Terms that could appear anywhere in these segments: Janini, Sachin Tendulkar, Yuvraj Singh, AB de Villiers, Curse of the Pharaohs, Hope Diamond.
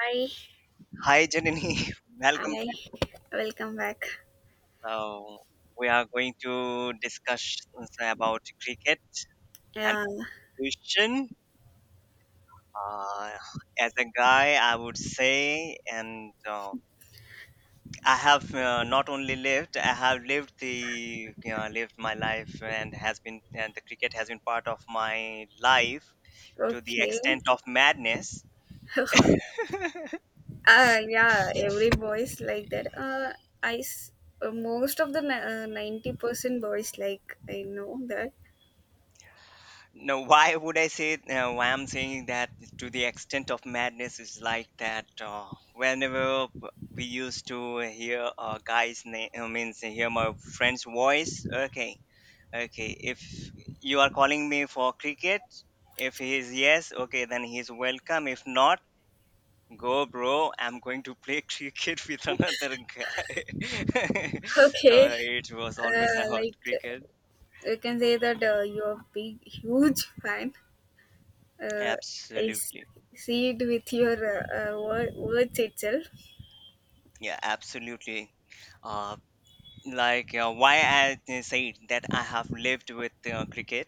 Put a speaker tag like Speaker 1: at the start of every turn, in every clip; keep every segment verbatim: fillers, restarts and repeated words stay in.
Speaker 1: Hi,
Speaker 2: Hi, Janini. Welcome
Speaker 1: hi,
Speaker 2: back.
Speaker 1: welcome back.
Speaker 2: So we are going to discuss uh, about cricket and
Speaker 1: Yeah,
Speaker 2: pollution. Uh, as a guy, I would say, and uh, I have uh, not only lived, I have lived the you know, lived my life, and has been and the cricket has been part of my life to the
Speaker 1: okay.
Speaker 2: extent of madness.
Speaker 1: uh, yeah, every boys like that. Uh, I s- uh, Most of the ni- uh, ninety percent boys like I know that.
Speaker 2: Now, why would I say uh, why I'm saying that to the extent of madness is like that? Uh, whenever we used to hear a guy's name, I mean, say, hear my friend's voice. Okay, okay. If you are calling me for cricket, if he is yes, okay, then he's welcome. If not, go, bro. I'm going to play cricket with another guy. so
Speaker 1: Okay,
Speaker 2: it was always
Speaker 1: uh,
Speaker 2: about
Speaker 1: like
Speaker 2: cricket.
Speaker 1: you can say that uh, you're a big, huge fan. Uh, I s-
Speaker 2: Absolutely.
Speaker 1: See it with your uh, uh, wor- words itself.
Speaker 2: Yeah, absolutely. Uh, like uh, why i th- said that I have lived with uh, cricket,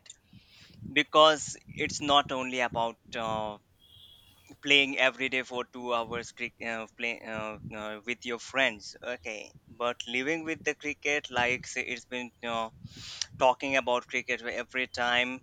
Speaker 2: because it's not only about uh, playing every day for 2 hours cric- uh, play, uh, uh, with your friends. Okay, but living with the cricket, like, say, it's been uh, talking about cricket every time,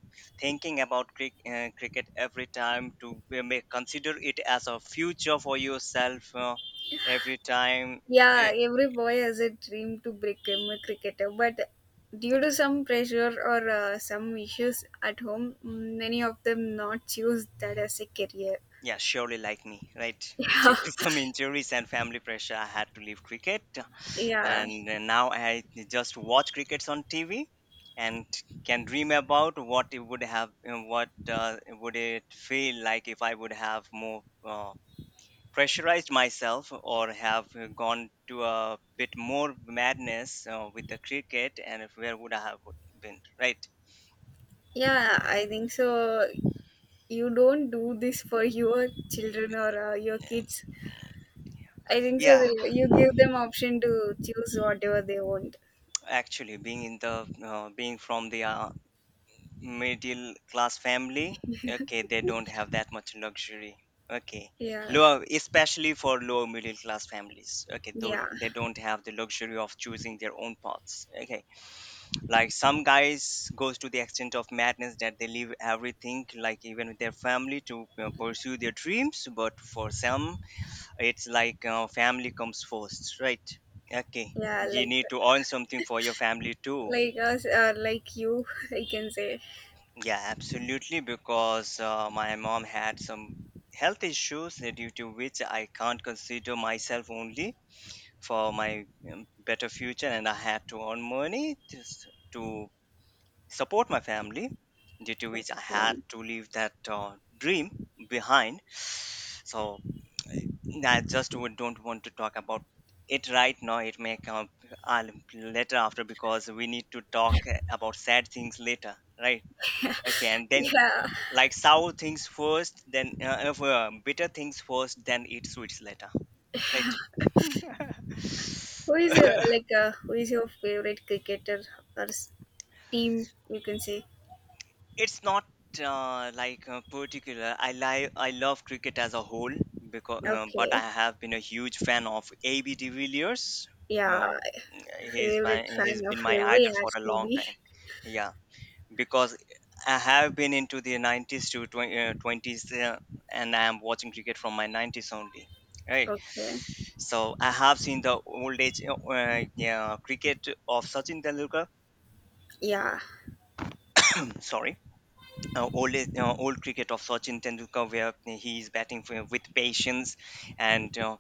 Speaker 2: thinking about cric- uh, cricket every time, to uh, may consider it as a future for yourself uh, every time.
Speaker 1: Yeah,
Speaker 2: eh,
Speaker 1: every boy has a dream to become a cricketer, but due to some pressure or uh, some issues at home, many of them not choose that as a career.
Speaker 2: Yeah, surely like me, right?
Speaker 1: Yeah,
Speaker 2: Due to some injuries and family pressure, I had to leave cricket,
Speaker 1: yeah,
Speaker 2: and uh, now I just watch crickets on T V and can dream about what it would have, uh, what uh, would it feel like if I would have more uh, pressurized myself or have uh, gone to a bit more madness uh, with the cricket, and if where would I have been, right?
Speaker 1: yeah. I think so. You don't do this for your children or uh, your kids. I think so.
Speaker 2: Yeah,
Speaker 1: That You give them option to choose whatever they want.
Speaker 2: actually, being in the uh, being from the uh, middle class family. Okay, they don't have that much luxury. Okay,
Speaker 1: Yeah,
Speaker 2: low especially for low middle class families. Okay, though
Speaker 1: yeah,
Speaker 2: they don't have the luxury of choosing their own paths. Okay, like, some guys goes to the extent of madness that they leave everything, like even with their family, to uh, pursue their dreams, but for some, it's like, uh, family comes first, right? Okay,
Speaker 1: yeah.
Speaker 2: you
Speaker 1: Like,
Speaker 2: need to earn something for your family too.
Speaker 1: like us, uh, like you. I can say.
Speaker 2: Yeah, absolutely. Because uh, my mom had some health issues uh, due to which I can't consider myself only for my um, better future, and I had to earn money just to support my family. Due to which I had
Speaker 1: Okay.
Speaker 2: to leave that uh, dream behind. So uh, I just would don't want to talk about it right now. It may come uh, later, after, because we need to talk uh, about sad things later, right? Okay, and then,
Speaker 1: Yeah.
Speaker 2: like, sour things first, then uh, uh, bitter things first, then eat sweets later, right?
Speaker 1: Who is your like uh, who is your favorite cricketer or s- team? You can say
Speaker 2: It's not uh, like, uh, particular. I like i love cricket as a whole, because uh, but I
Speaker 1: okay,
Speaker 2: have been a huge fan of AB de Villiers.
Speaker 1: yeah,
Speaker 2: uh, he's my
Speaker 1: favorite
Speaker 2: he's
Speaker 1: fan of
Speaker 2: been my
Speaker 1: every
Speaker 2: idol for
Speaker 1: has
Speaker 2: a
Speaker 1: to
Speaker 2: long
Speaker 1: be.
Speaker 2: time, yeah, because I have been into the nineties to twenty, uh, twenties, uh, and I am watching cricket from my nineties only. Right,
Speaker 1: Okay,
Speaker 2: so I have seen the old age, uh, uh, yeah, cricket of Sachin Tendulkar.
Speaker 1: yeah,
Speaker 2: Sorry, uh, old uh, old cricket of Sachin Tendulkar, where uh, he is batting for, with patience and uh,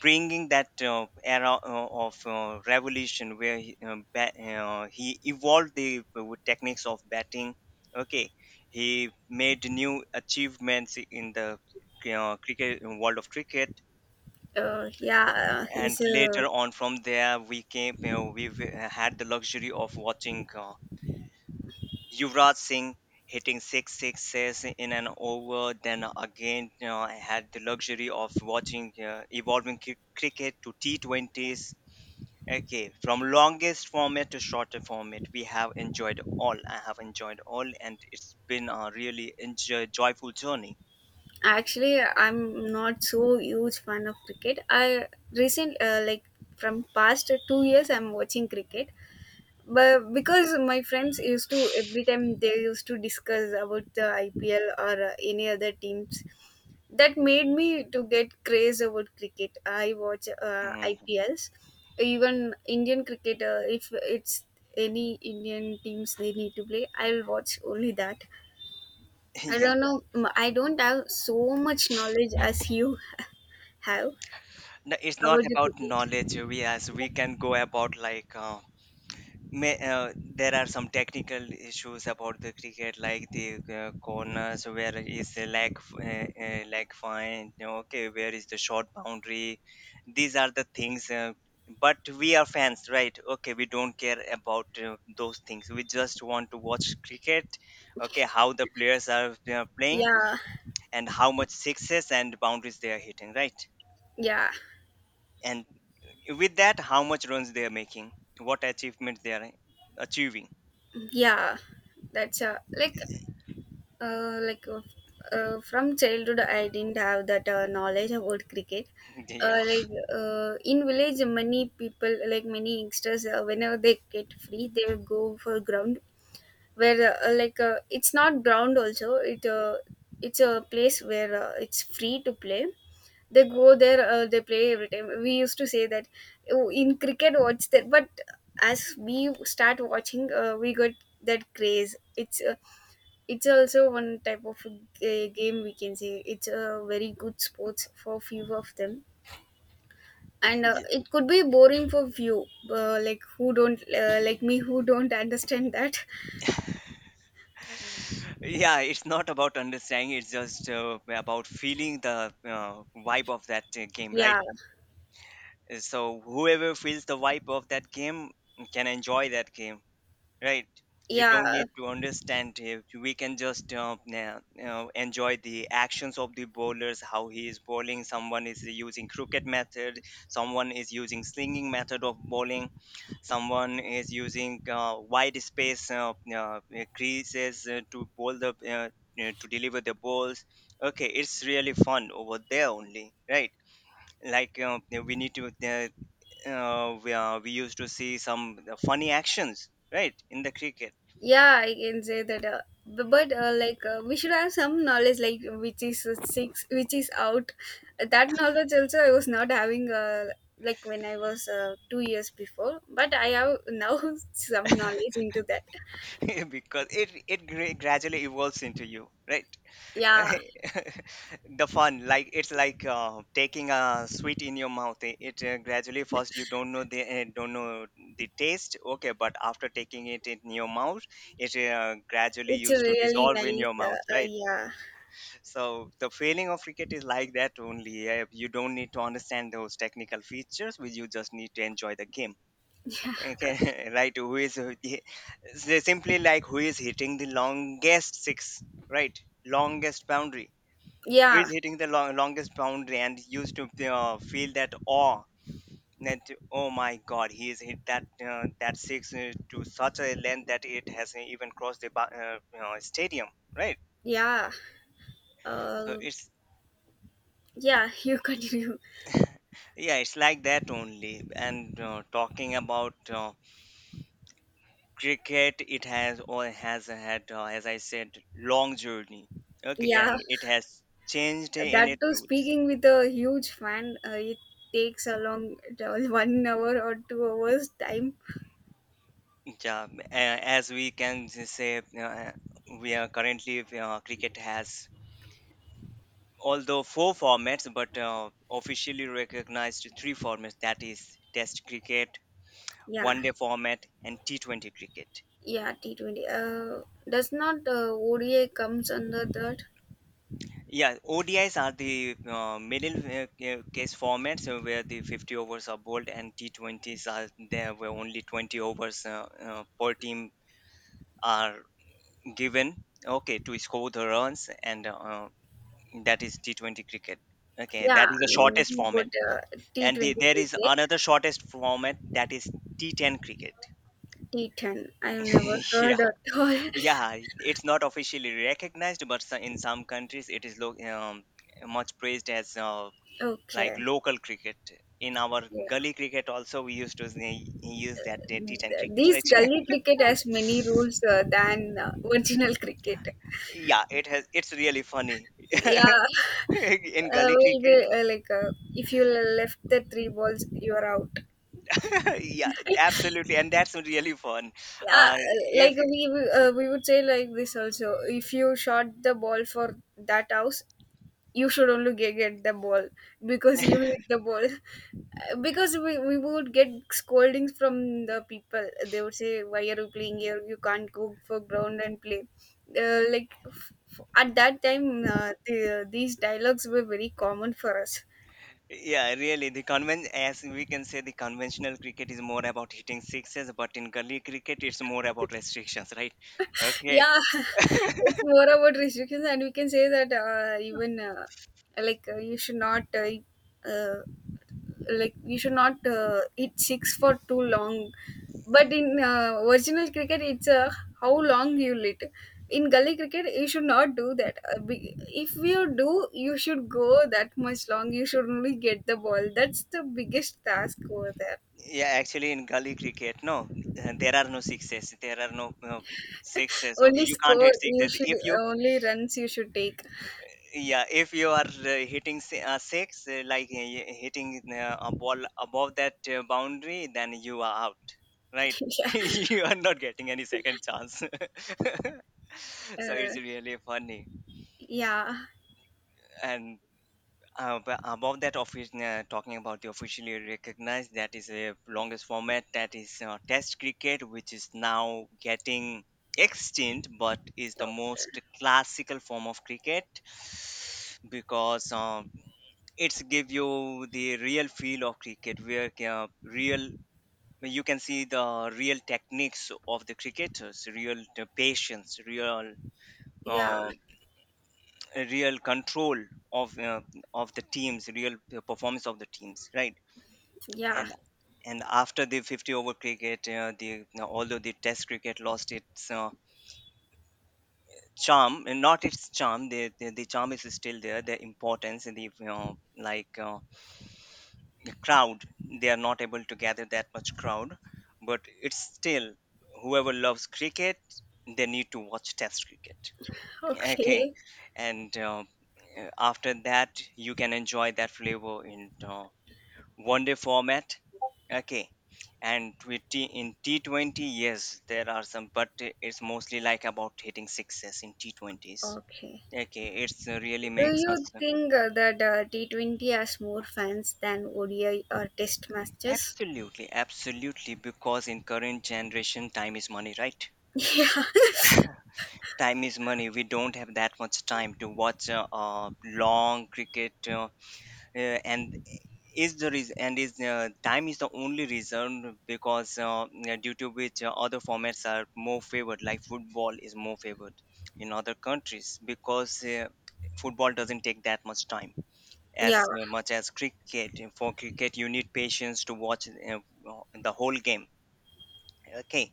Speaker 2: bringing that uh, era uh, of uh, revolution, where he, uh, ba- uh, he evolved the uh, techniques of batting. Okay, he made new achievements in the uh, cricket uh, world of cricket,
Speaker 1: uh, yeah. uh,
Speaker 2: and
Speaker 1: He's uh,
Speaker 2: later on from there we came. You know, we had the luxury of watching uh, Yuvraj Singh hitting six sixes in an over. Then again, you know, I had the luxury of watching uh, evolving cri- cricket to T twenties. Okay, from longest format to shorter format, we have enjoyed all. I have enjoyed all, and it's been a really enjoy- joyful journey.
Speaker 1: Actually I'm not so huge fan of cricket. I recent uh, like from past two years I'm watching cricket, but because my friends used to every time they used to discuss about the I P L or uh, any other teams that made me to get craze about cricket. I watch uh,
Speaker 2: Mm.
Speaker 1: IPLs, even Indian cricket. Uh, if it's any Indian teams they need to play, I'll watch only that. I
Speaker 2: Yeah,
Speaker 1: don't know, m- I don't have so much knowledge as you have
Speaker 2: no, it's not
Speaker 1: about the
Speaker 2: about
Speaker 1: cricket.
Speaker 2: knowledge. We, as we can go about, like, uh, may uh, there are some technical issues about the cricket, like the uh, corners, where is the leg f- uh, uh, leg fine, you know, okay, where is the short boundary. These are the things, uh, but we are fans, right? Okay, we don't care about uh, those things. We just want to watch cricket. Okay, how the players are uh, playing,
Speaker 1: Yeah,
Speaker 2: and how much sixes and boundaries they are hitting, right?
Speaker 1: yeah,
Speaker 2: And with that, how much runs they are making, what achievements they are achieving.
Speaker 1: yeah, that's uh, like. Uh, like uh, uh, from childhood, I didn't have that uh, knowledge about cricket.
Speaker 2: Yeah.
Speaker 1: Uh, like uh, in village, many people, like many youngsters, uh, whenever they get free, they will go for ground where uh, like uh, it's not ground also. It uh, it's a place where uh, it's free to play. They go there, uh, they play every time. We used to say that, oh, in cricket, what's that? But as we start watching, uh, we got that craze. It's uh, it's also one type of a game we can say. It's a very good sports for few of them, and uh,
Speaker 2: Yeah.
Speaker 1: it could be boring for few, uh, like who don't uh, like me who don't understand that.
Speaker 2: Yeah, it's not about understanding, it's just uh, about feeling the uh, vibe of that uh, game, right?
Speaker 1: Yeah,
Speaker 2: Uh, so whoever feels the vibe of that game can enjoy that game. Right. You don't
Speaker 1: yeah,
Speaker 2: need to understand it. We can just uh, na- uh, enjoy the actions of the bowlers, how he is bowling. Someone is using crooked method. Someone is using slinging method of bowling. Someone is using uh, wide space uh, uh, creases uh, to bowl the uh, uh, to deliver the balls. Okay, it's really fun over there only, right? Like, uh, we need to uh, uh, we, uh, we used to see some uh, funny actions, right, in the cricket.
Speaker 1: yeah. I can say that. Uh, bu- but uh, like uh, we should have some knowledge, like which is uh, six, which is out. That knowledge also I was not having. Uh, like when I was uh, two years before, but I have now some knowledge into that.
Speaker 2: Because it it gra- gradually evolves into you, right?
Speaker 1: Yeah.
Speaker 2: The fun, like, it's like uh, taking a sweet in your mouth. It, it uh, gradually, first you don't know the uh, don't know the taste, okay, but after taking it in your mouth, it uh, gradually
Speaker 1: It's
Speaker 2: used to
Speaker 1: really
Speaker 2: dissolve in
Speaker 1: nice.
Speaker 2: your mouth,
Speaker 1: Uh, uh,
Speaker 2: right?
Speaker 1: yeah.
Speaker 2: So the feeling of cricket is like that only. Uh, you don't need to understand those technical features, but you just need to enjoy the game. Okay. Right. Who is they simply like who is hitting the longest six, right? Longest boundary. Who
Speaker 1: Yeah.
Speaker 2: is hitting the long, longest boundary, and used to uh, feel that awe, that, oh my god, he has hit that uh, that six uh, to such a length that it has even crossed the ba- uh, you know, stadium, right?
Speaker 1: Yeah.
Speaker 2: So
Speaker 1: Uh,
Speaker 2: it's
Speaker 1: yeah. You continue.
Speaker 2: yeah, it's like that only. And uh, talking about uh, cricket, it has, or has had, uh, as I said, long journey. Okay,
Speaker 1: Yeah.
Speaker 2: and it has changed in
Speaker 1: That
Speaker 2: its
Speaker 1: too,
Speaker 2: roots.
Speaker 1: speaking with a huge fan, uh, it takes a long one hour or two hours time.
Speaker 2: Yeah, a- as we can just say, uh, we are currently uh, cricket has, although, four formats, but uh, officially recognized three formats, that is test cricket,
Speaker 1: Yeah.
Speaker 2: one day format, and T twenty cricket.
Speaker 1: Yeah. T twenty. Uh, does not uh, O D A comes under that?
Speaker 2: Yeah, O D Is are the uh, middle uh, ca- case formats uh, where the fifty overs are bowled, and T twenties are there where only twenty overs uh, uh, per team are given. Okay, to score the runs, and uh, that is T twenty cricket. Okay,
Speaker 1: Yeah.
Speaker 2: that is the
Speaker 1: I
Speaker 2: shortest
Speaker 1: know
Speaker 2: format.
Speaker 1: about uh,
Speaker 2: And the,
Speaker 1: T twenty
Speaker 2: there is
Speaker 1: cricket.
Speaker 2: another shortest format, that is T ten cricket.
Speaker 1: T ten. I've never heard
Speaker 2: Yeah.
Speaker 1: at all.
Speaker 2: Yeah, it's not officially recognized, but so- in some countries it is lo- um, much praised as uh, like,
Speaker 1: Okay.
Speaker 2: local cricket. In our
Speaker 1: Yeah.
Speaker 2: gully cricket also we used to say- use that, uh, T ten cricket,
Speaker 1: These
Speaker 2: right?
Speaker 1: gully cricket has many rules uh, than uh, original cricket.
Speaker 2: Yeah, it has. It's really funny.
Speaker 1: Yeah,
Speaker 2: In
Speaker 1: uh,
Speaker 2: gully
Speaker 1: will be
Speaker 2: cricket.
Speaker 1: uh, like uh, if you left the three balls, you are out.
Speaker 2: Yeah, absolutely, and that's really fun.
Speaker 1: Yeah,
Speaker 2: Uh, if
Speaker 1: like we we, uh, we would say like this also. If you shot the ball for that house, you should only ge- get the ball because you hit the ball. Because we, we would get scoldings from the people. They would say, why are you playing here? You can't go for ground and play. Uh, like f- f- at that time uh, the, these dialogues were very common for us.
Speaker 2: Yeah, really, the conven as we can say, the conventional cricket is more about hitting sixes, but in gully cricket it's more about restrictions, right? Okay,
Speaker 1: Yeah. It's more about restrictions, and we can say that uh, even uh, like uh, you should not uh, uh, like you should not uh, hit six for too long, but in uh, original cricket it's uh, how long you hit. In gully cricket you should not do that. Uh, be- if you do, you should go. That much long, you should only get the ball. That's the biggest task over there.
Speaker 2: yeah, actually, in gully cricket, no, uh, there are no sixes. There are no uh, sixes. Okay,
Speaker 1: Only
Speaker 2: you can't
Speaker 1: score
Speaker 2: hit
Speaker 1: you
Speaker 2: sixes.
Speaker 1: should,
Speaker 2: If you
Speaker 1: uh, only runs you should take.
Speaker 2: yeah if you are uh, hitting si- uh, six, uh, like, uh, y- hitting uh, a ball above that uh, boundary, then you are out, right?
Speaker 1: Yeah.
Speaker 2: You are not getting any second chance. So
Speaker 1: Uh,
Speaker 2: it's really funny,
Speaker 1: yeah,
Speaker 2: and uh, but above that, office uh, talking about the officially recognized, that is the longest format, that is uh, test cricket, which is now getting extinct, but is the most classical form of cricket, because um, it's give you the real feel of cricket, where uh, real you can see the real techniques of the cricketers, real t- patience, real
Speaker 1: yeah,
Speaker 2: uh, real control of uh, of the teams, real performance of the teams, right?
Speaker 1: yeah.
Speaker 2: and and after the fifty over cricket, uh, the although the test cricket lost its uh, charm, and not its charm, the, the the charm is still there, the importance and the, you like uh, the crowd, they are not able to gather that much crowd, but it's still, whoever loves cricket, they need to watch test cricket. Okay.
Speaker 1: Okay,
Speaker 2: And uh, uh, after that, you can enjoy that flavor in uh, one day format. Okay, and with T, in T twenty, yes, there are some, but it's mostly like about hitting sixes in T twenties.
Speaker 1: okay.
Speaker 2: Okay, it's uh, really
Speaker 1: Do
Speaker 2: makes us.
Speaker 1: you think uh, that uh, T twenty has more fans than O D I or Test matches?
Speaker 2: Absolutely, absolutely. Because in current generation, time is money, right?
Speaker 1: Yeah,
Speaker 2: Time is money. We don't have that much time to watch uh, uh, long cricket, uh, uh, and is the reason. And is uh, time is the only reason, because uh, uh, due to which uh, other formats are more favored. Like, football is more favored in other countries, because uh, football doesn't take that much time
Speaker 1: yeah.
Speaker 2: as much as cricket. For cricket, you need patience to watch uh, the whole game. Okay,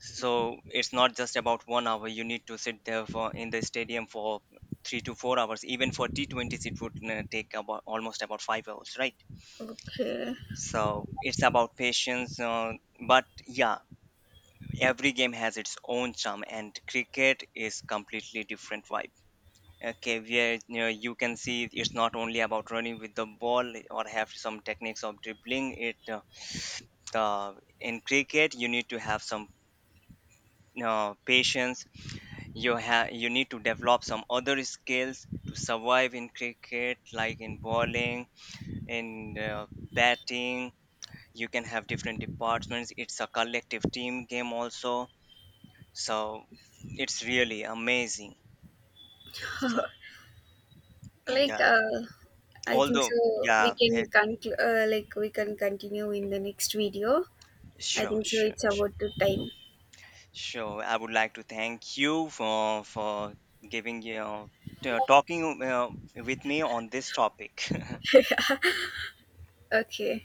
Speaker 2: so it's not just about one hour, you need to sit there for in the stadium for three to four hours. Even for T twenties, it would uh, take about almost about five hours, right?
Speaker 1: Okay.
Speaker 2: So it's about patience, uh, but yeah, every game has its own charm, and cricket is completely different vibe. Okay, where you, know, you can see, it's not only about running with the ball or have some techniques of dribbling it. Uh, the In cricket, you need to have some uh, patience. You have you need to develop some other skills to survive in cricket, like in bowling, in uh, batting. You can have different departments. It's a collective team game also. So it's really amazing. So yeah.
Speaker 1: Like, uh, I think
Speaker 2: although
Speaker 1: so. We
Speaker 2: Yeah. Eh,
Speaker 1: can conclude. Uh, like, we can continue in the next video. I
Speaker 2: sure,
Speaker 1: think so.
Speaker 2: sure,
Speaker 1: It's
Speaker 2: sure,
Speaker 1: about to time.
Speaker 2: sure. I would like to thank you for for giving you know, t- talking uh, with me on this topic.
Speaker 1: Okay.